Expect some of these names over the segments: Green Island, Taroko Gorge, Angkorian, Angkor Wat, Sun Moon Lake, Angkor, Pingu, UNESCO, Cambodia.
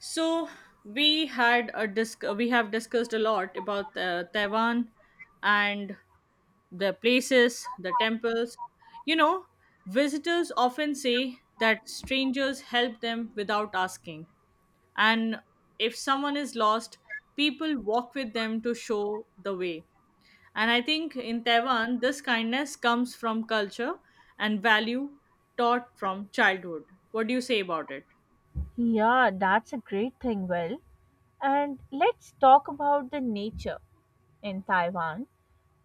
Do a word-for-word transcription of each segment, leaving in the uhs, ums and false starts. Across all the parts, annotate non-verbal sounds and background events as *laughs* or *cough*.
So we had a disc. We have discussed a lot about uh, Taiwan and the places, the temples. You know, visitors often say that strangers help them without asking, and if someone is lost, people walk with them to show the way. And I think in Taiwan, this kindness comes from culture and value taught from childhood. What do you say about it? Yeah, that's a great thing, Will. And let's talk about the nature in Taiwan.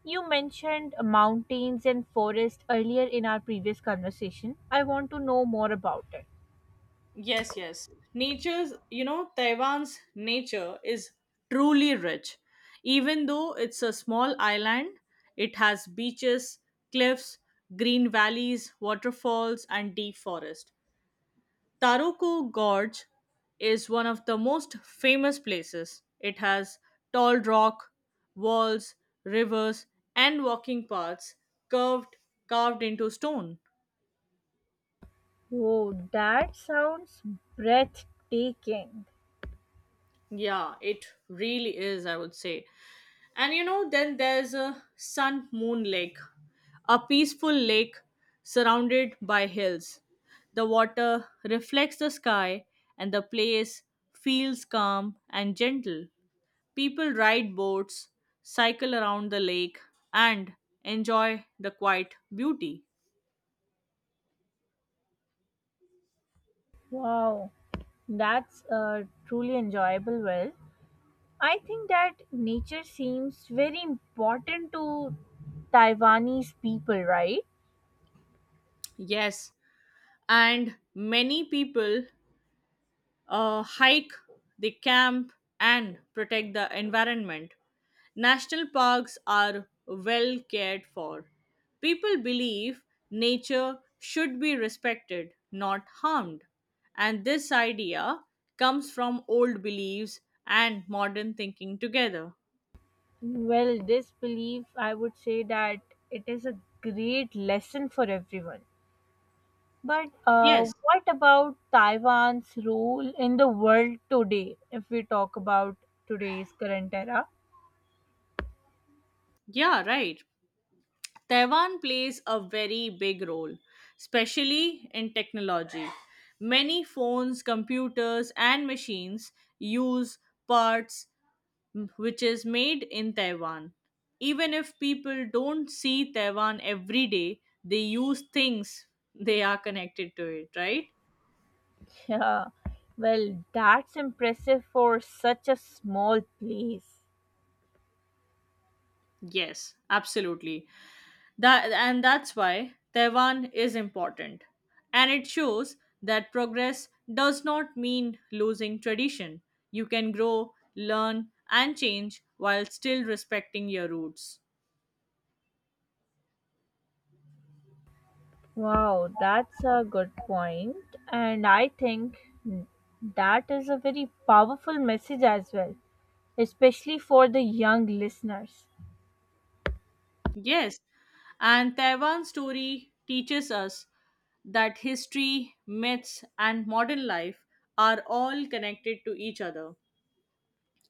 You mentioned mountains and forest earlier in our previous conversation. I want to know more about it. Yes, yes. Nature's, you know, Taiwan's nature is truly rich. Even though it's a small island, it has beaches, cliffs, green valleys, waterfalls, and deep forest. Taroko Gorge is one of the most famous places. It has tall rock walls, rivers, and walking paths curved, carved into stone. Oh, that sounds breathtaking. Yeah, it really is, I would say. And you know, then there's a Sun Moon Lake, a peaceful lake surrounded by hills. The water reflects the sky, and the place feels calm and gentle. People ride boats, cycle around the lake, and enjoy the quiet beauty. Wow, that's uh, truly enjoyable. Well, I think that nature seems very important to Taiwanese people, right? Yes, and many people uh, hike, they camp, and protect the environment. National parks are well cared for. People believe nature should be respected, not harmed. And this idea comes from old beliefs and modern thinking together. Well, this belief, I would say that it is a great lesson for everyone. But uh, Yes, what about Taiwan's role in the world today, if we talk about today's current era? *laughs* yeah, right. Taiwan plays a very big role, especially in technology. Many phones, computers, and machines use parts m- which is made in Taiwan. Even if people don't see Taiwan every day, they use things they are connected to it, right? Yeah, well, that's impressive for such a small place. Yes, absolutely. That and that's why Taiwan is important. And it shows that progress does not mean losing tradition. You can grow, learn, and change while still respecting your roots. Wow, that's a good point. And I think that is a very powerful message as well, especially for the young listeners. Yes, and Taiwan's story teaches us that history, myths, and modern life are all connected to each other.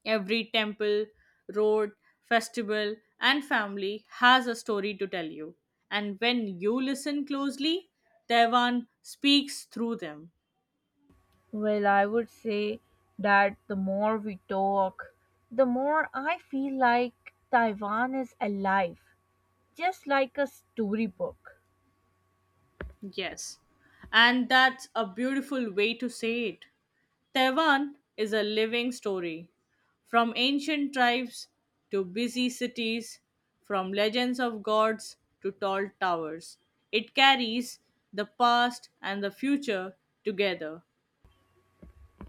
Every temple, road, festival, and family has a story to tell you. And when you listen closely, Taiwan speaks through them. Well, I would say that the more we talk, the more I feel like Taiwan is alive, just like a storybook. Yes. And that's a beautiful way to say it. Taiwan is a living story. From ancient tribes to busy cities, from legends of gods to tall towers, it carries the past and the future together.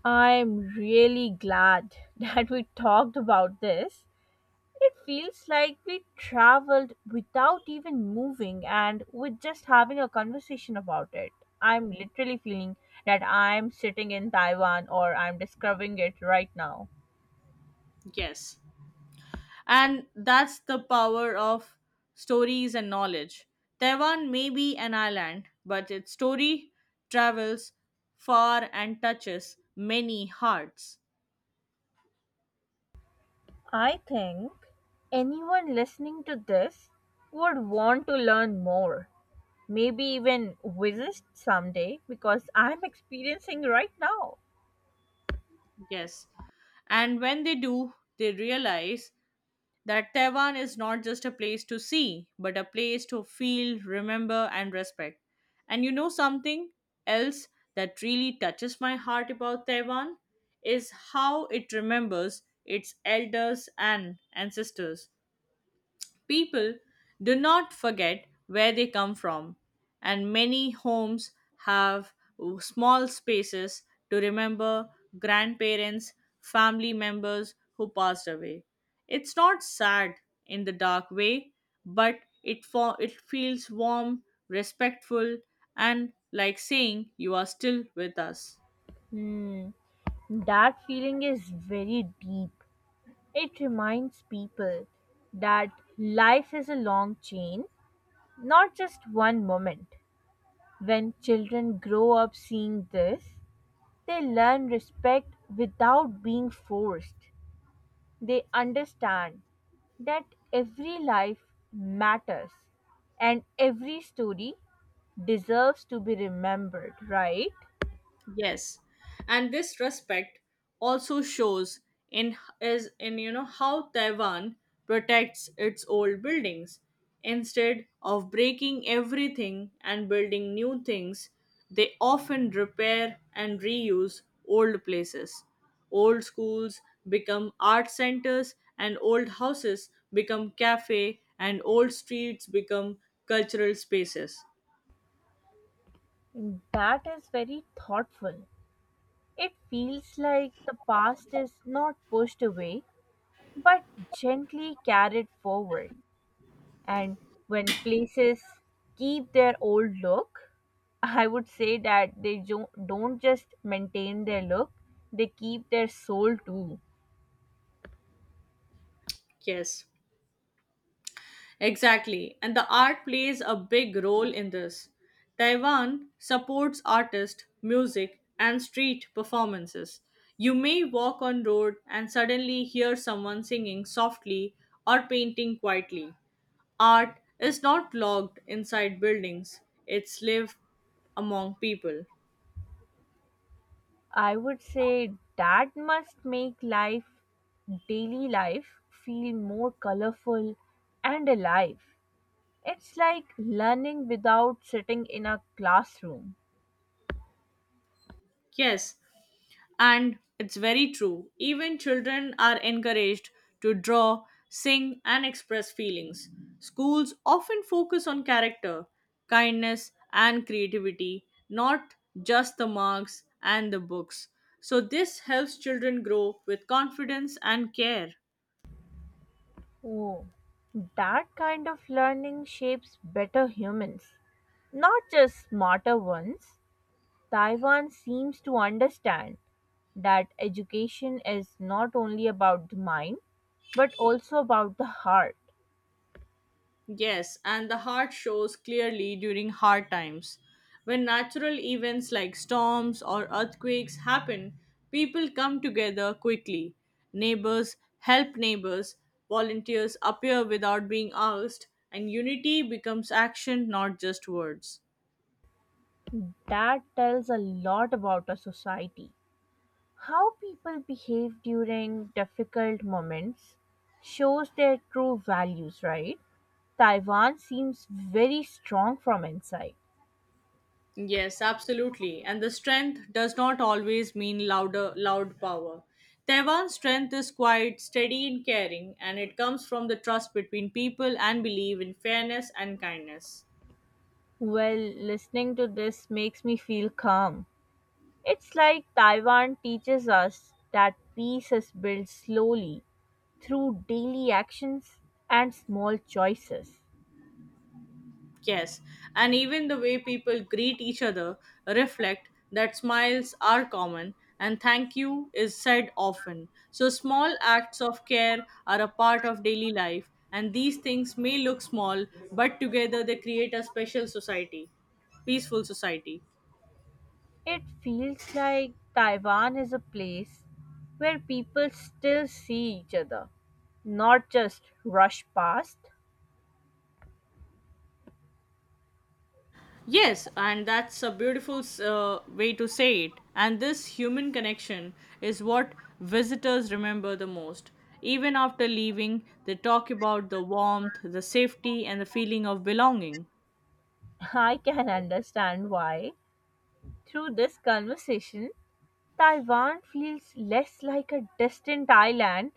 I'm really glad *laughs* that we talked about this. It feels like we traveled without even moving and with just having a conversation about it. I'm literally feeling that I'm sitting in Taiwan or I'm discovering it right now. Yes. And that's the power of stories and knowledge. Taiwan may be an island, but its story travels far and touches many hearts. I think anyone listening to this would want to learn more, maybe even visit someday because I'm experiencing right now. Yes. And when they do, they realize that Taiwan is not just a place to see, but a place to feel, remember, and respect. And you know something else that really touches my heart about Taiwan is how it remembers its elders and ancestors. People do not forget where they come from, and many homes have small spaces to remember grandparents, family members who passed away. It's not sad in the dark way, but it fo- it feels warm, respectful, and like saying you are still with us. Hmm, that feeling is very deep. It reminds people that life is a long chain, not just one moment. When children grow up seeing this, they learn respect without being forced. They understand that every life matters and every story deserves to be remembered, right? Yes, and this respect also shows in is in you know how Taiwan protects its old buildings instead of breaking everything and building new things. They often repair and reuse old places. Old schools become art centers and old houses become cafe and old streets become cultural spaces. And that is very thoughtful. It feels like the past is not pushed away but gently carried forward. And when places keep their old look, I would say that they jo- don't just maintain their look, they keep their soul too. Yes, exactly, and the art plays a big role in this. Taiwan supports artists, music, and street performances. You may walk on road and suddenly hear someone singing softly or painting quietly. Art is not locked inside buildings, it's live among people. I would say that must make life, daily life, feel more colorful and alive. It's like learning without sitting in a classroom. Yes, and it's very true. Even children are encouraged to draw, sing, and express feelings. Schools often focus on character, kindness, and creativity, not just the marks and the books. So, this helps children grow with confidence and care. Oh, that kind of learning shapes better humans, not just smarter ones. Taiwan seems to understand that education is not only about the mind, but also about the heart. Yes, and the heart shows clearly during hard times. When natural events like storms or earthquakes happen, people come together quickly. Neighbors help neighbors, volunteers appear without being asked, and unity becomes action, not just words. That tells a lot about a society. How people behave during difficult moments shows their true values, right? Taiwan seems very strong from inside. Yes, absolutely. And the strength does not always mean louder, loud power. Taiwan's strength is quite steady and caring, and it comes from the trust between people and belief in fairness and kindness. Well, listening to this makes me feel calm. It's like Taiwan teaches us that peace is built slowly through daily actions and small choices. Yes, and even the way people greet each other reflect that smiles are common and thank you is said often. So small acts of care are a part of daily life and these things may look small but together they create a special society, peaceful society. It feels like Taiwan is a place where people still see each other, not just rush past. Yes, and that's a beautiful uh, way to say it. And this human connection is what visitors remember the most. Even after leaving, they talk about the warmth, the safety, and the feeling of belonging. *laughs* I can understand why, through this conversation, Taiwan feels less like a distant island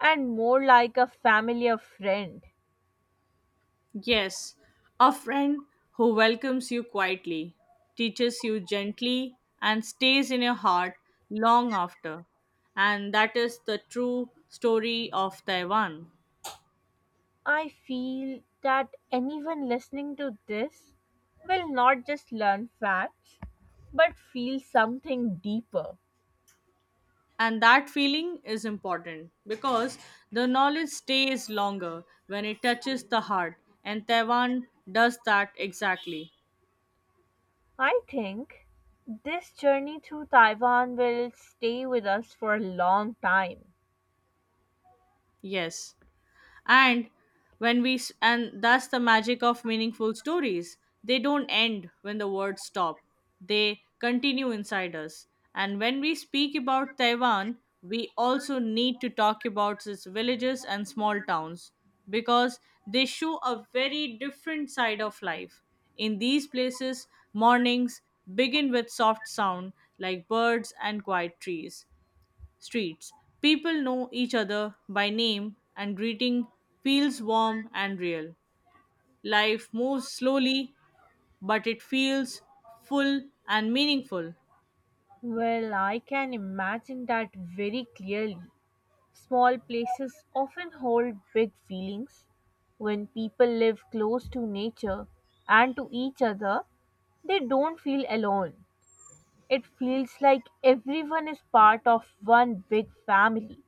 and more like a familiar friend. Yes, a friend who welcomes you quietly, teaches you gently, and stays in your heart long after. And that is the true story of Taiwan. I feel that anyone listening to this will not just learn facts but feel something deeper. And that feeling is important because the knowledge stays longer when it touches the heart, and Taiwan does that exactly. I think this journey through Taiwan will stay with us for a long time. Yes, and when we s- and that's the magic of meaningful stories. They don't end when the words stop, they continue inside us. And when we speak about Taiwan, we also need to talk about its villages and small towns, because they show a very different side of life. In these places, mornings begin with soft sound like birds and quiet trees streets. People know each other by name, and greeting feels warm and real. Life moves slowly, but it feels full and meaningful. Well, I can imagine that very clearly. Small places often hold big feelings. When people live close to nature and to each other, they don't feel alone. It feels like everyone is part of one big family,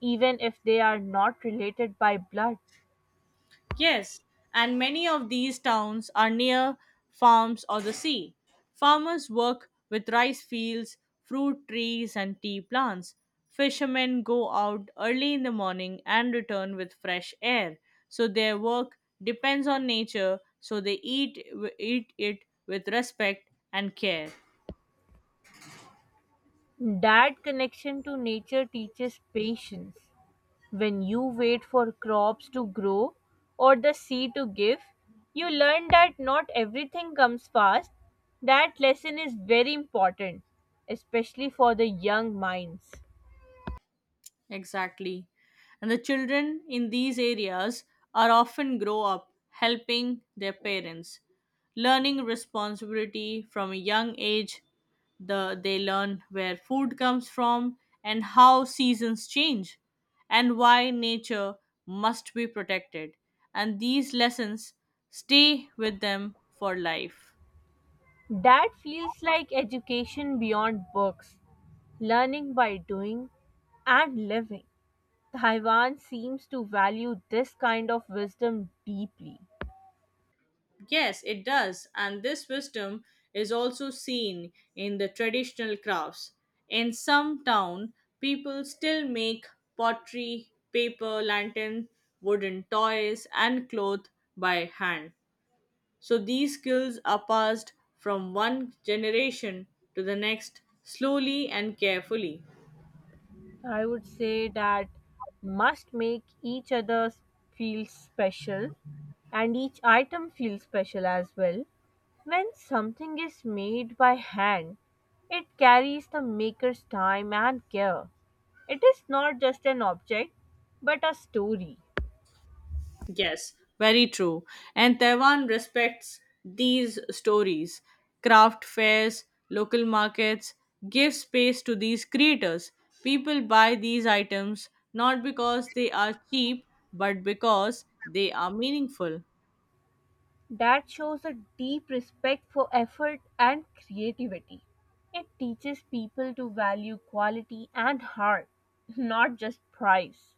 even if they are not related by blood. Yes, and many of these towns are near farms or the sea. Farmers work with rice fields, fruit trees, and tea plants. Fishermen go out early in the morning and return with fresh air. So their work depends on nature, so they eat, eat it with respect and care. That connection to nature teaches patience. When you wait for crops to grow or the sea to give, you learn that not everything comes fast. That lesson is very important, especially for the young minds. Exactly. And the children in these areas are often grow up helping their parents, learning responsibility from a young age. The, they learn where food comes from and how seasons change and why nature must be protected. And these lessons stay with them for life. That feels like education beyond books, learning by doing and living. Taiwan seems to value this kind of wisdom deeply. Yes, it does. And this wisdom is also seen in the traditional crafts. In some town, people still make pottery, paper, lantern, wooden toys, and cloth by hand. So these skills are passed from one generation to the next slowly and carefully. I would say that must make each other feel special and each item feel special as well. When something is made by hand, it carries the maker's time and care. It is not just an object, but a story Yes, very true. And Taiwan respects these stories. Craft fairs, local markets give space to these creators. People buy these items not because they are cheap, but because they are meaningful. that shows a deep respect for effort and creativity. It teaches people to value quality and heart, not just price.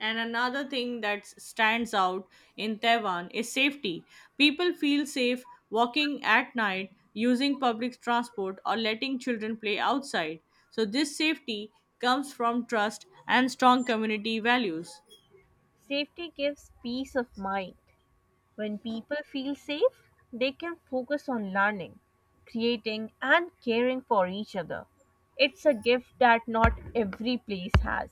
And another thing that s- stands out in Taiwan is safety. People feel safe walking at night, using public transport, or letting children play outside. So, this safety comes from trust and strong community values. Safety gives peace of mind. When people feel safe, they can focus on learning, creating, and caring for each other. It's a gift that not every place has.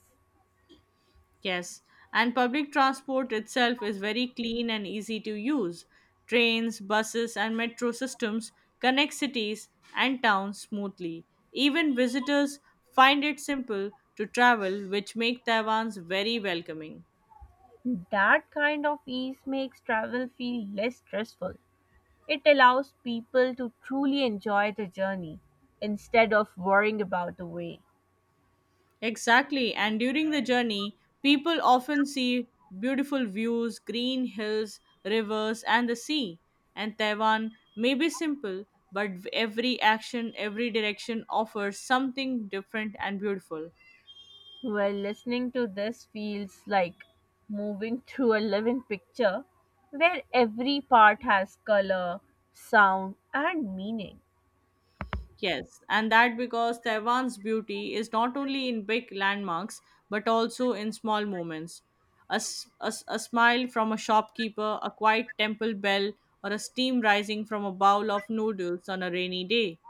Yes, and public transport itself is very clean and easy to use. Trains, buses, and metro systems connect cities and towns smoothly. Even visitors find it simple to travel, which make Taiwan's very welcoming. That kind of ease makes travel feel less stressful. It allows people to truly enjoy the journey instead of worrying about the way. Exactly. And during the journey, people often see beautiful views, green hills, rivers, and the sea. And Taiwan may be simple, but every action, every direction offers something different and beautiful. Well, listening to this feels like moving *laughs* through a living picture where every part has color, sound, and meaning. Yes, and that because Taiwan's beauty is not only in big landmarks but also in small moments. A, s- a s- a smile from a shopkeeper, a quiet temple bell, or a steam rising from a bowl of noodles on a rainy day.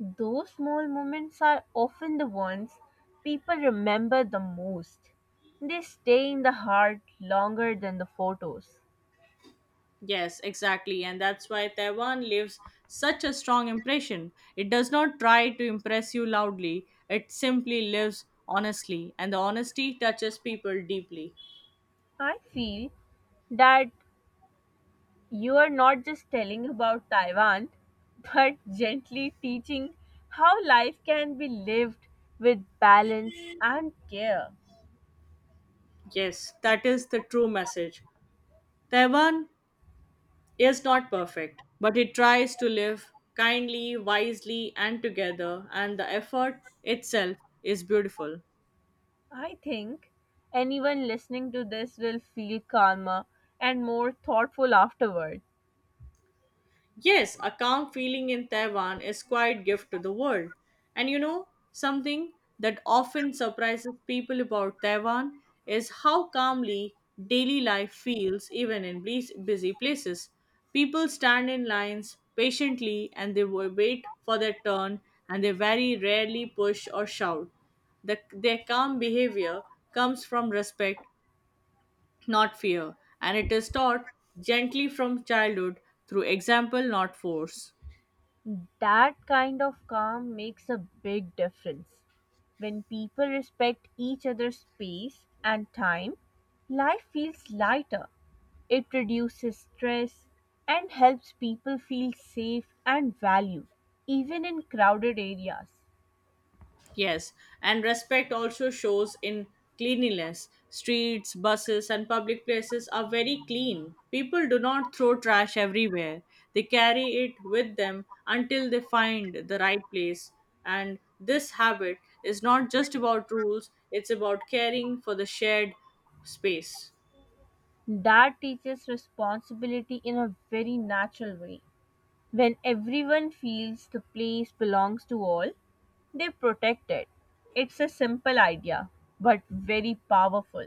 Those small moments are often the ones people remember the most. They stay in the heart longer than the photos. Yes, exactly. And that's why Taiwan leaves such a strong impression. It does not try to impress you loudly, it simply lives honestly, and the honesty touches people deeply. I feel that you are not just telling about Taiwan, but gently teaching how life can be lived with balance and care. Yes, that is the true message. Taiwan is not perfect, but it tries to live kindly, wisely, and together, and the effort itself is beautiful. I think anyone listening to this will feel calmer and more thoughtful afterwards. Yes, a calm feeling in Taiwan is quite gift to the world. And you know, something that often surprises people about Taiwan is how calmly daily life feels even in bus- busy places. People stand in lines patiently and they wa- wait for their turn and they very rarely push or shout. The, their calm behavior comes from respect not fear, and it is taught gently from childhood through example, not force. That kind of calm makes a big difference. When people respect each other's space and time, life feels lighter. It reduces stress and helps people feel safe and valued, even in crowded areas. Yes, and respect also shows in cleanliness. Streets, buses, and public places are very clean. People do not throw trash everywhere, they carry it with them until they find the right place. And this habit is not just about rules, it's about caring for the shared space. That teaches responsibility in a very natural way. When everyone feels the place belongs to all, they protect it. It's a simple idea, but very powerful.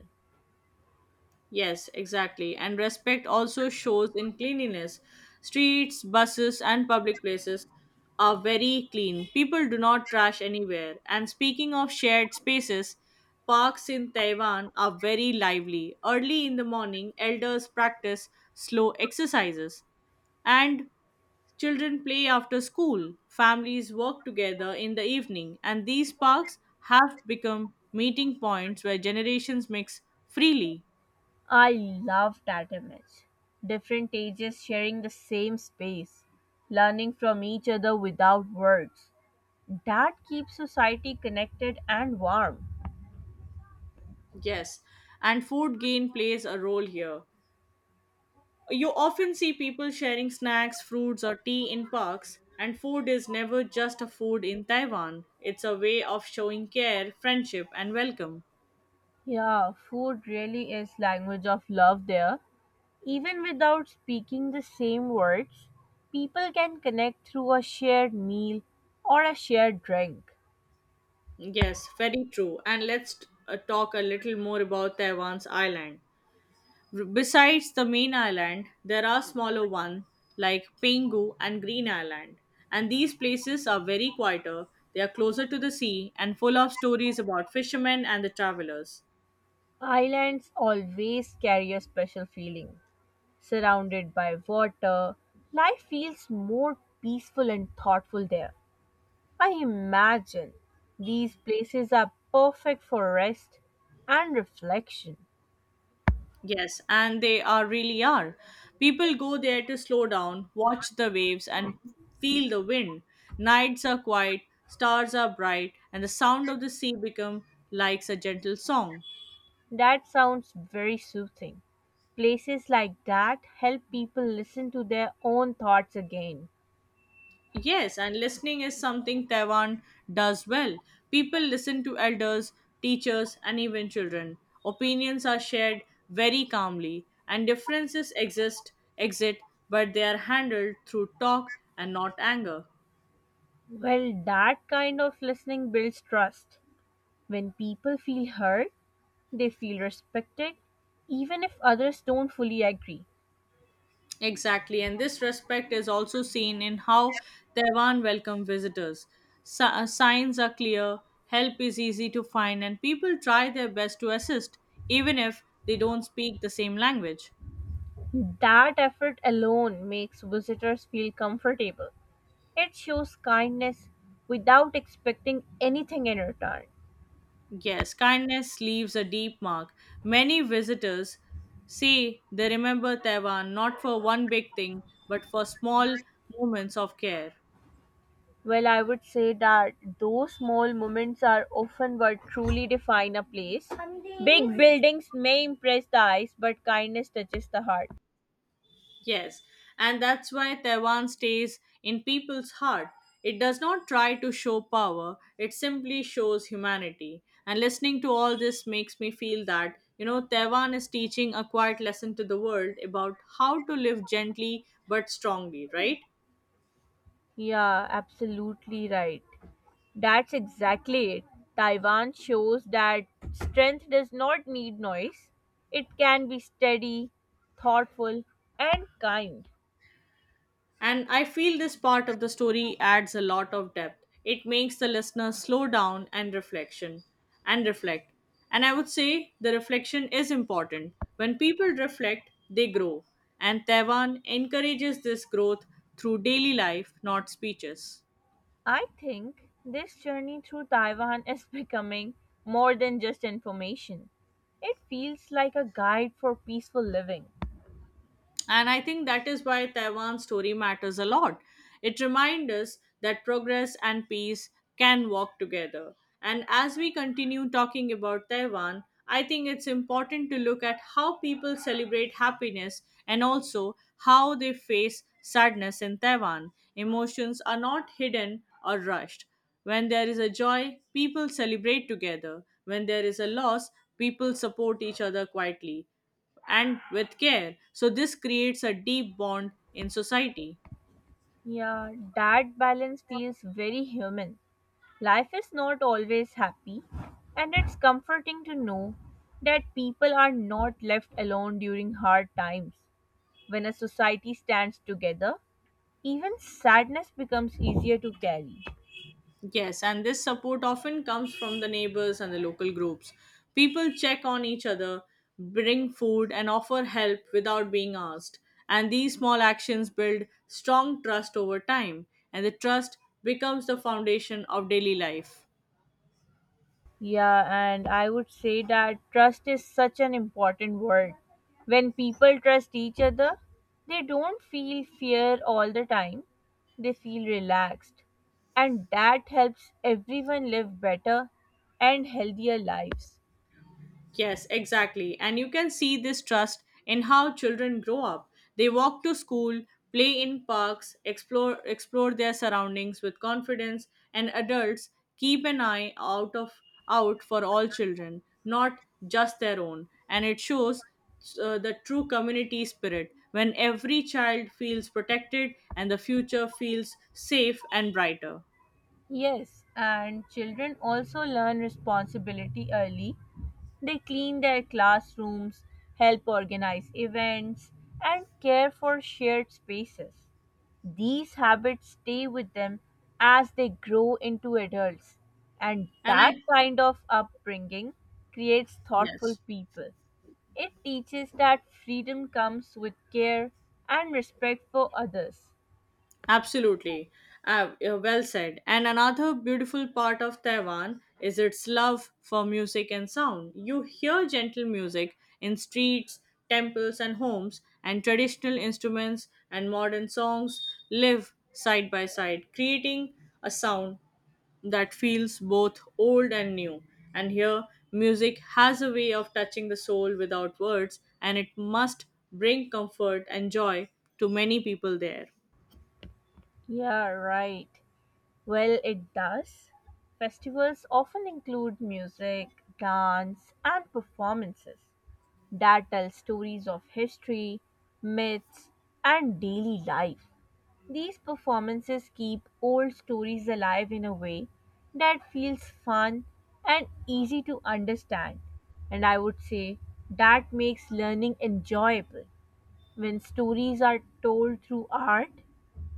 Yes, exactly. And respect also shows in cleanliness. Streets, buses, and public places are very clean. People do not trash anywhere. And speaking of shared spaces, parks in Taiwan are very lively. Early in the morning, elders practice slow exercises, and children play after school. Families work together in the evening, and these parks have become meeting points where generations mix freely. I love that image. Different ages sharing the same space, learning from each other without words. That keeps society connected and warm. Yes, and food gain plays a role here. You often see people sharing snacks, fruits, or tea in parks, and food is never just a food in Taiwan. It's a way of showing care, friendship, and welcome. Yeah, food really is language of love there. Even without speaking the same words, people can connect through a shared meal or a shared drink. Yes, very true. And let's uh, talk a little more about Taiwan's island. R- Besides the main island, there are smaller ones like Pingu and Green Island, and these places are very quieter. They are closer to the sea and full of stories about fishermen and the travelers. Islands always carry a special feeling. Surrounded by water, life feels more peaceful and thoughtful there. I imagine these places are perfect for rest and reflection. Yes, and they are really are. People go there to slow down, watch the waves, and feel the wind. Nights are quiet, stars are bright, and the sound of the sea become like a gentle song. That sounds very soothing. Places like that help people listen to their own thoughts again. Yes, and listening is something Taiwan does well. People listen to elders, teachers, and even children. Opinions are shared very calmly, and differences exist, exist, but they are handled through talk and not anger. Well, that kind of listening builds trust. When people feel heard, they feel respected, even if others don't fully agree. Exactly, and this respect is also seen in how Taiwan welcome visitors. Si- uh, signs are clear, help is easy to find, and people try their best to assist, even if they don't speak the same language. That effort alone makes visitors feel comfortable. It shows kindness without expecting anything in return. Yes, kindness leaves a deep mark. Many visitors say they remember Taiwan not for one big thing, but for small moments of care. Well, I would say that those small moments are often what truly define a place. Big buildings may impress the eyes, but kindness touches the heart. Yes, and that's why Taiwan stays in people's heart. It does not try to show power, it simply shows humanity. And listening to all this makes me feel that, you know, Taiwan is teaching a quiet lesson to the world about how to live gently but strongly, right? Yeah, absolutely right. That's exactly it. Taiwan shows that strength does not need noise. It can be steady, thoughtful, and kind. And I feel this part of the story adds a lot of depth. It makes the listener slow down and reflection and reflect. And I would say the reflection is important. When people reflect, they grow. And Taiwan encourages this growth through daily life, not speeches. I think this journey through Taiwan is *laughs* becoming more than just information. It feels like a guide for peaceful living. And I think that is why Taiwan's story matters a lot. It reminds us that progress and peace can walk together. And as we continue talking about Taiwan, I think it's important to look at how people celebrate happiness and also how they face sadness in Taiwan. Emotions are not hidden or rushed. When there is a joy, people celebrate together. When there is a loss, people support each other quietly and with care. So, this creates a deep bond in society. Yeah, that balance feels very human. Life is not always happy, and it's comforting to know that people are not left alone during hard times. When a society stands together, even sadness becomes easier to carry. Yes, and this support often comes from the neighbors and the local groups. People check on each other, bring food, and offer help without being asked. And these small actions build strong trust over time, and the trust becomes the foundation of daily life. Yeah, and I would say that trust is such an important word. When people trust each other, they don't feel fear all the time, they feel relaxed. And that helps everyone live better and healthier lives. Yes, exactly. And you can see this trust in how children grow up. They walk to school, play in parks, explore explore their surroundings with confidence, and adults keep an eye out of out for all children, not just their own. And it shows uh, the true community spirit when every child feels protected and the future feels safe and brighter. Yes, and children also learn responsibility early. They clean their classrooms, help organize events, and care for shared spaces. These habits stay with them as they grow into adults, and And I that kind of upbringing creates thoughtful yes. people. It teaches that freedom comes with care and respect for others. Absolutely. Uh, uh, well said. And another beautiful part of Taiwan is its love for music and sound. You hear gentle music in streets, temples, and homes, and traditional instruments and modern songs live side by side, creating a sound that feels both old and new. And here, music has a way of touching the soul without words, and it must bring comfort and joy to many people there. Yeah, right. Well, it does. Festivals often include music, dance, and performances that tell stories of history, myths, and daily life. These performances keep old stories alive in a way that feels fun and easy to understand. And I would say that makes learning enjoyable when stories are told through art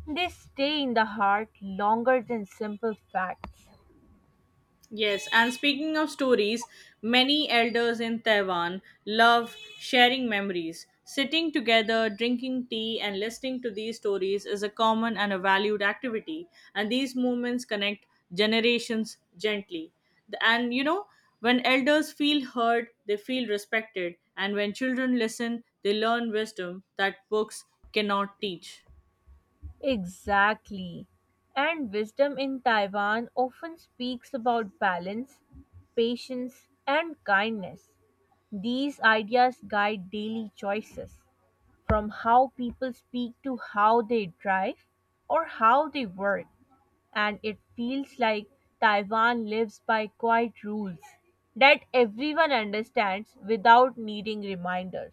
they stay in the heart longer than simple facts. Yes, and speaking of stories, many elders in Taiwan love sharing memories. Sitting together, drinking tea, and listening to these stories is a common and a valued activity, and these moments connect generations gently. The- And you know, when elders feel heard, they feel respected, and when children listen, they learn wisdom that books cannot teach. Exactly. And wisdom in Taiwan often speaks about balance, patience, and kindness. These ideas guide daily choices, from how people speak to how they drive or how they work. And it feels like Taiwan lives by quiet rules that everyone understands without needing reminders.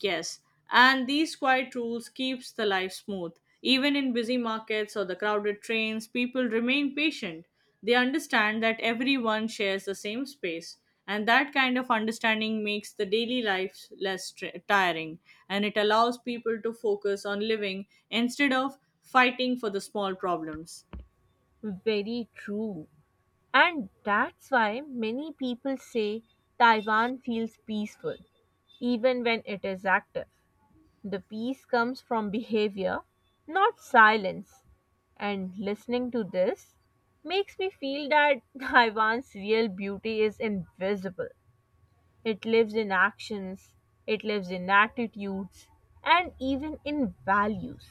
Yes, and these quiet rules keeps the life smooth. Even in busy markets or the crowded trains, people remain patient. They understand that everyone shares the same space, and that kind of understanding makes the daily life less tr- tiring and it allows people to focus on living instead of fighting for the small problems. Very true. And that's why many people say Taiwan feels peaceful, even when it is active. The peace comes from behavior, not silence. And listening to this makes me feel that *laughs* Taiwan's real beauty is invisible. It lives in actions, it lives in attitudes, and even in values.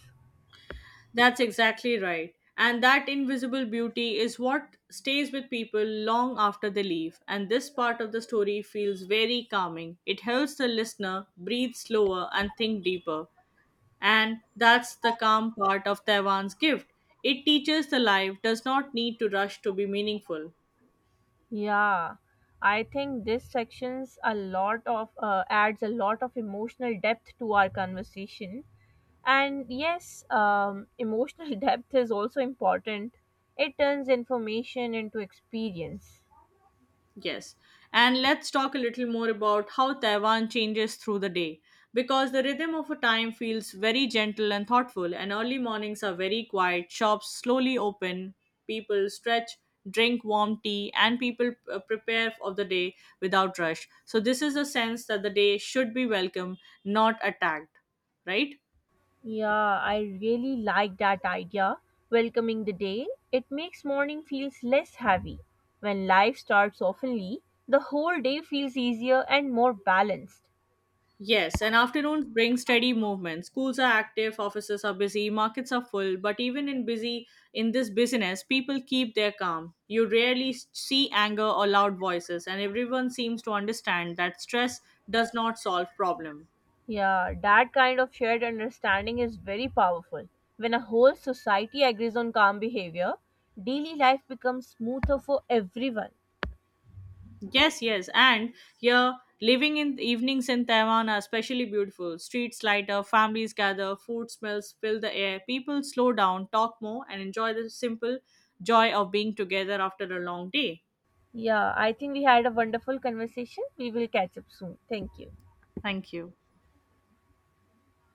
That's exactly right. And that invisible beauty is what stays with people long after they leave. And this part of the story feels very calming. It helps the listener breathe slower and think deeper. And that's the calm part of Taiwan's gift. It teaches the life does not need to rush to be meaningful. Yeah, I think this section's a lot of uh, adds a lot of emotional depth to our conversation. And yes, um, emotional *laughs* depth is also important. It turns information into experience. Yes. And let's talk a little more about how Taiwan changes through the day. Because the rhythm of a time feels very gentle and thoughtful, and early mornings are very quiet, shops slowly open, people stretch, drink warm tea, and people uh, prepare of the day without rush. So, this is a sense that the day should be welcome, not attacked, right? Yeah, I really like that idea. Welcoming the day, it makes morning feels less heavy. When life starts oftenly, the whole day feels easier and more balanced. Yes, and afternoons bring steady movement. Schools are active, offices are busy, markets are full, but even in busy in this business, people keep their calm. You rarely s- see anger or loud voices, and everyone seems to understand that stress does not solve problem. Yeah, that kind of shared understanding is very powerful. When a whole society agrees on calm behavior, daily life becomes smoother for everyone. Yes, yes, and here living in evenings in Taiwan are especially beautiful. Streets light up, families gather, food smells fill the air. People slow down, talk more, and enjoy the simple joy of being together after a long day. Yeah, I think we had a wonderful conversation. We will catch up soon. Thank you. Thank you.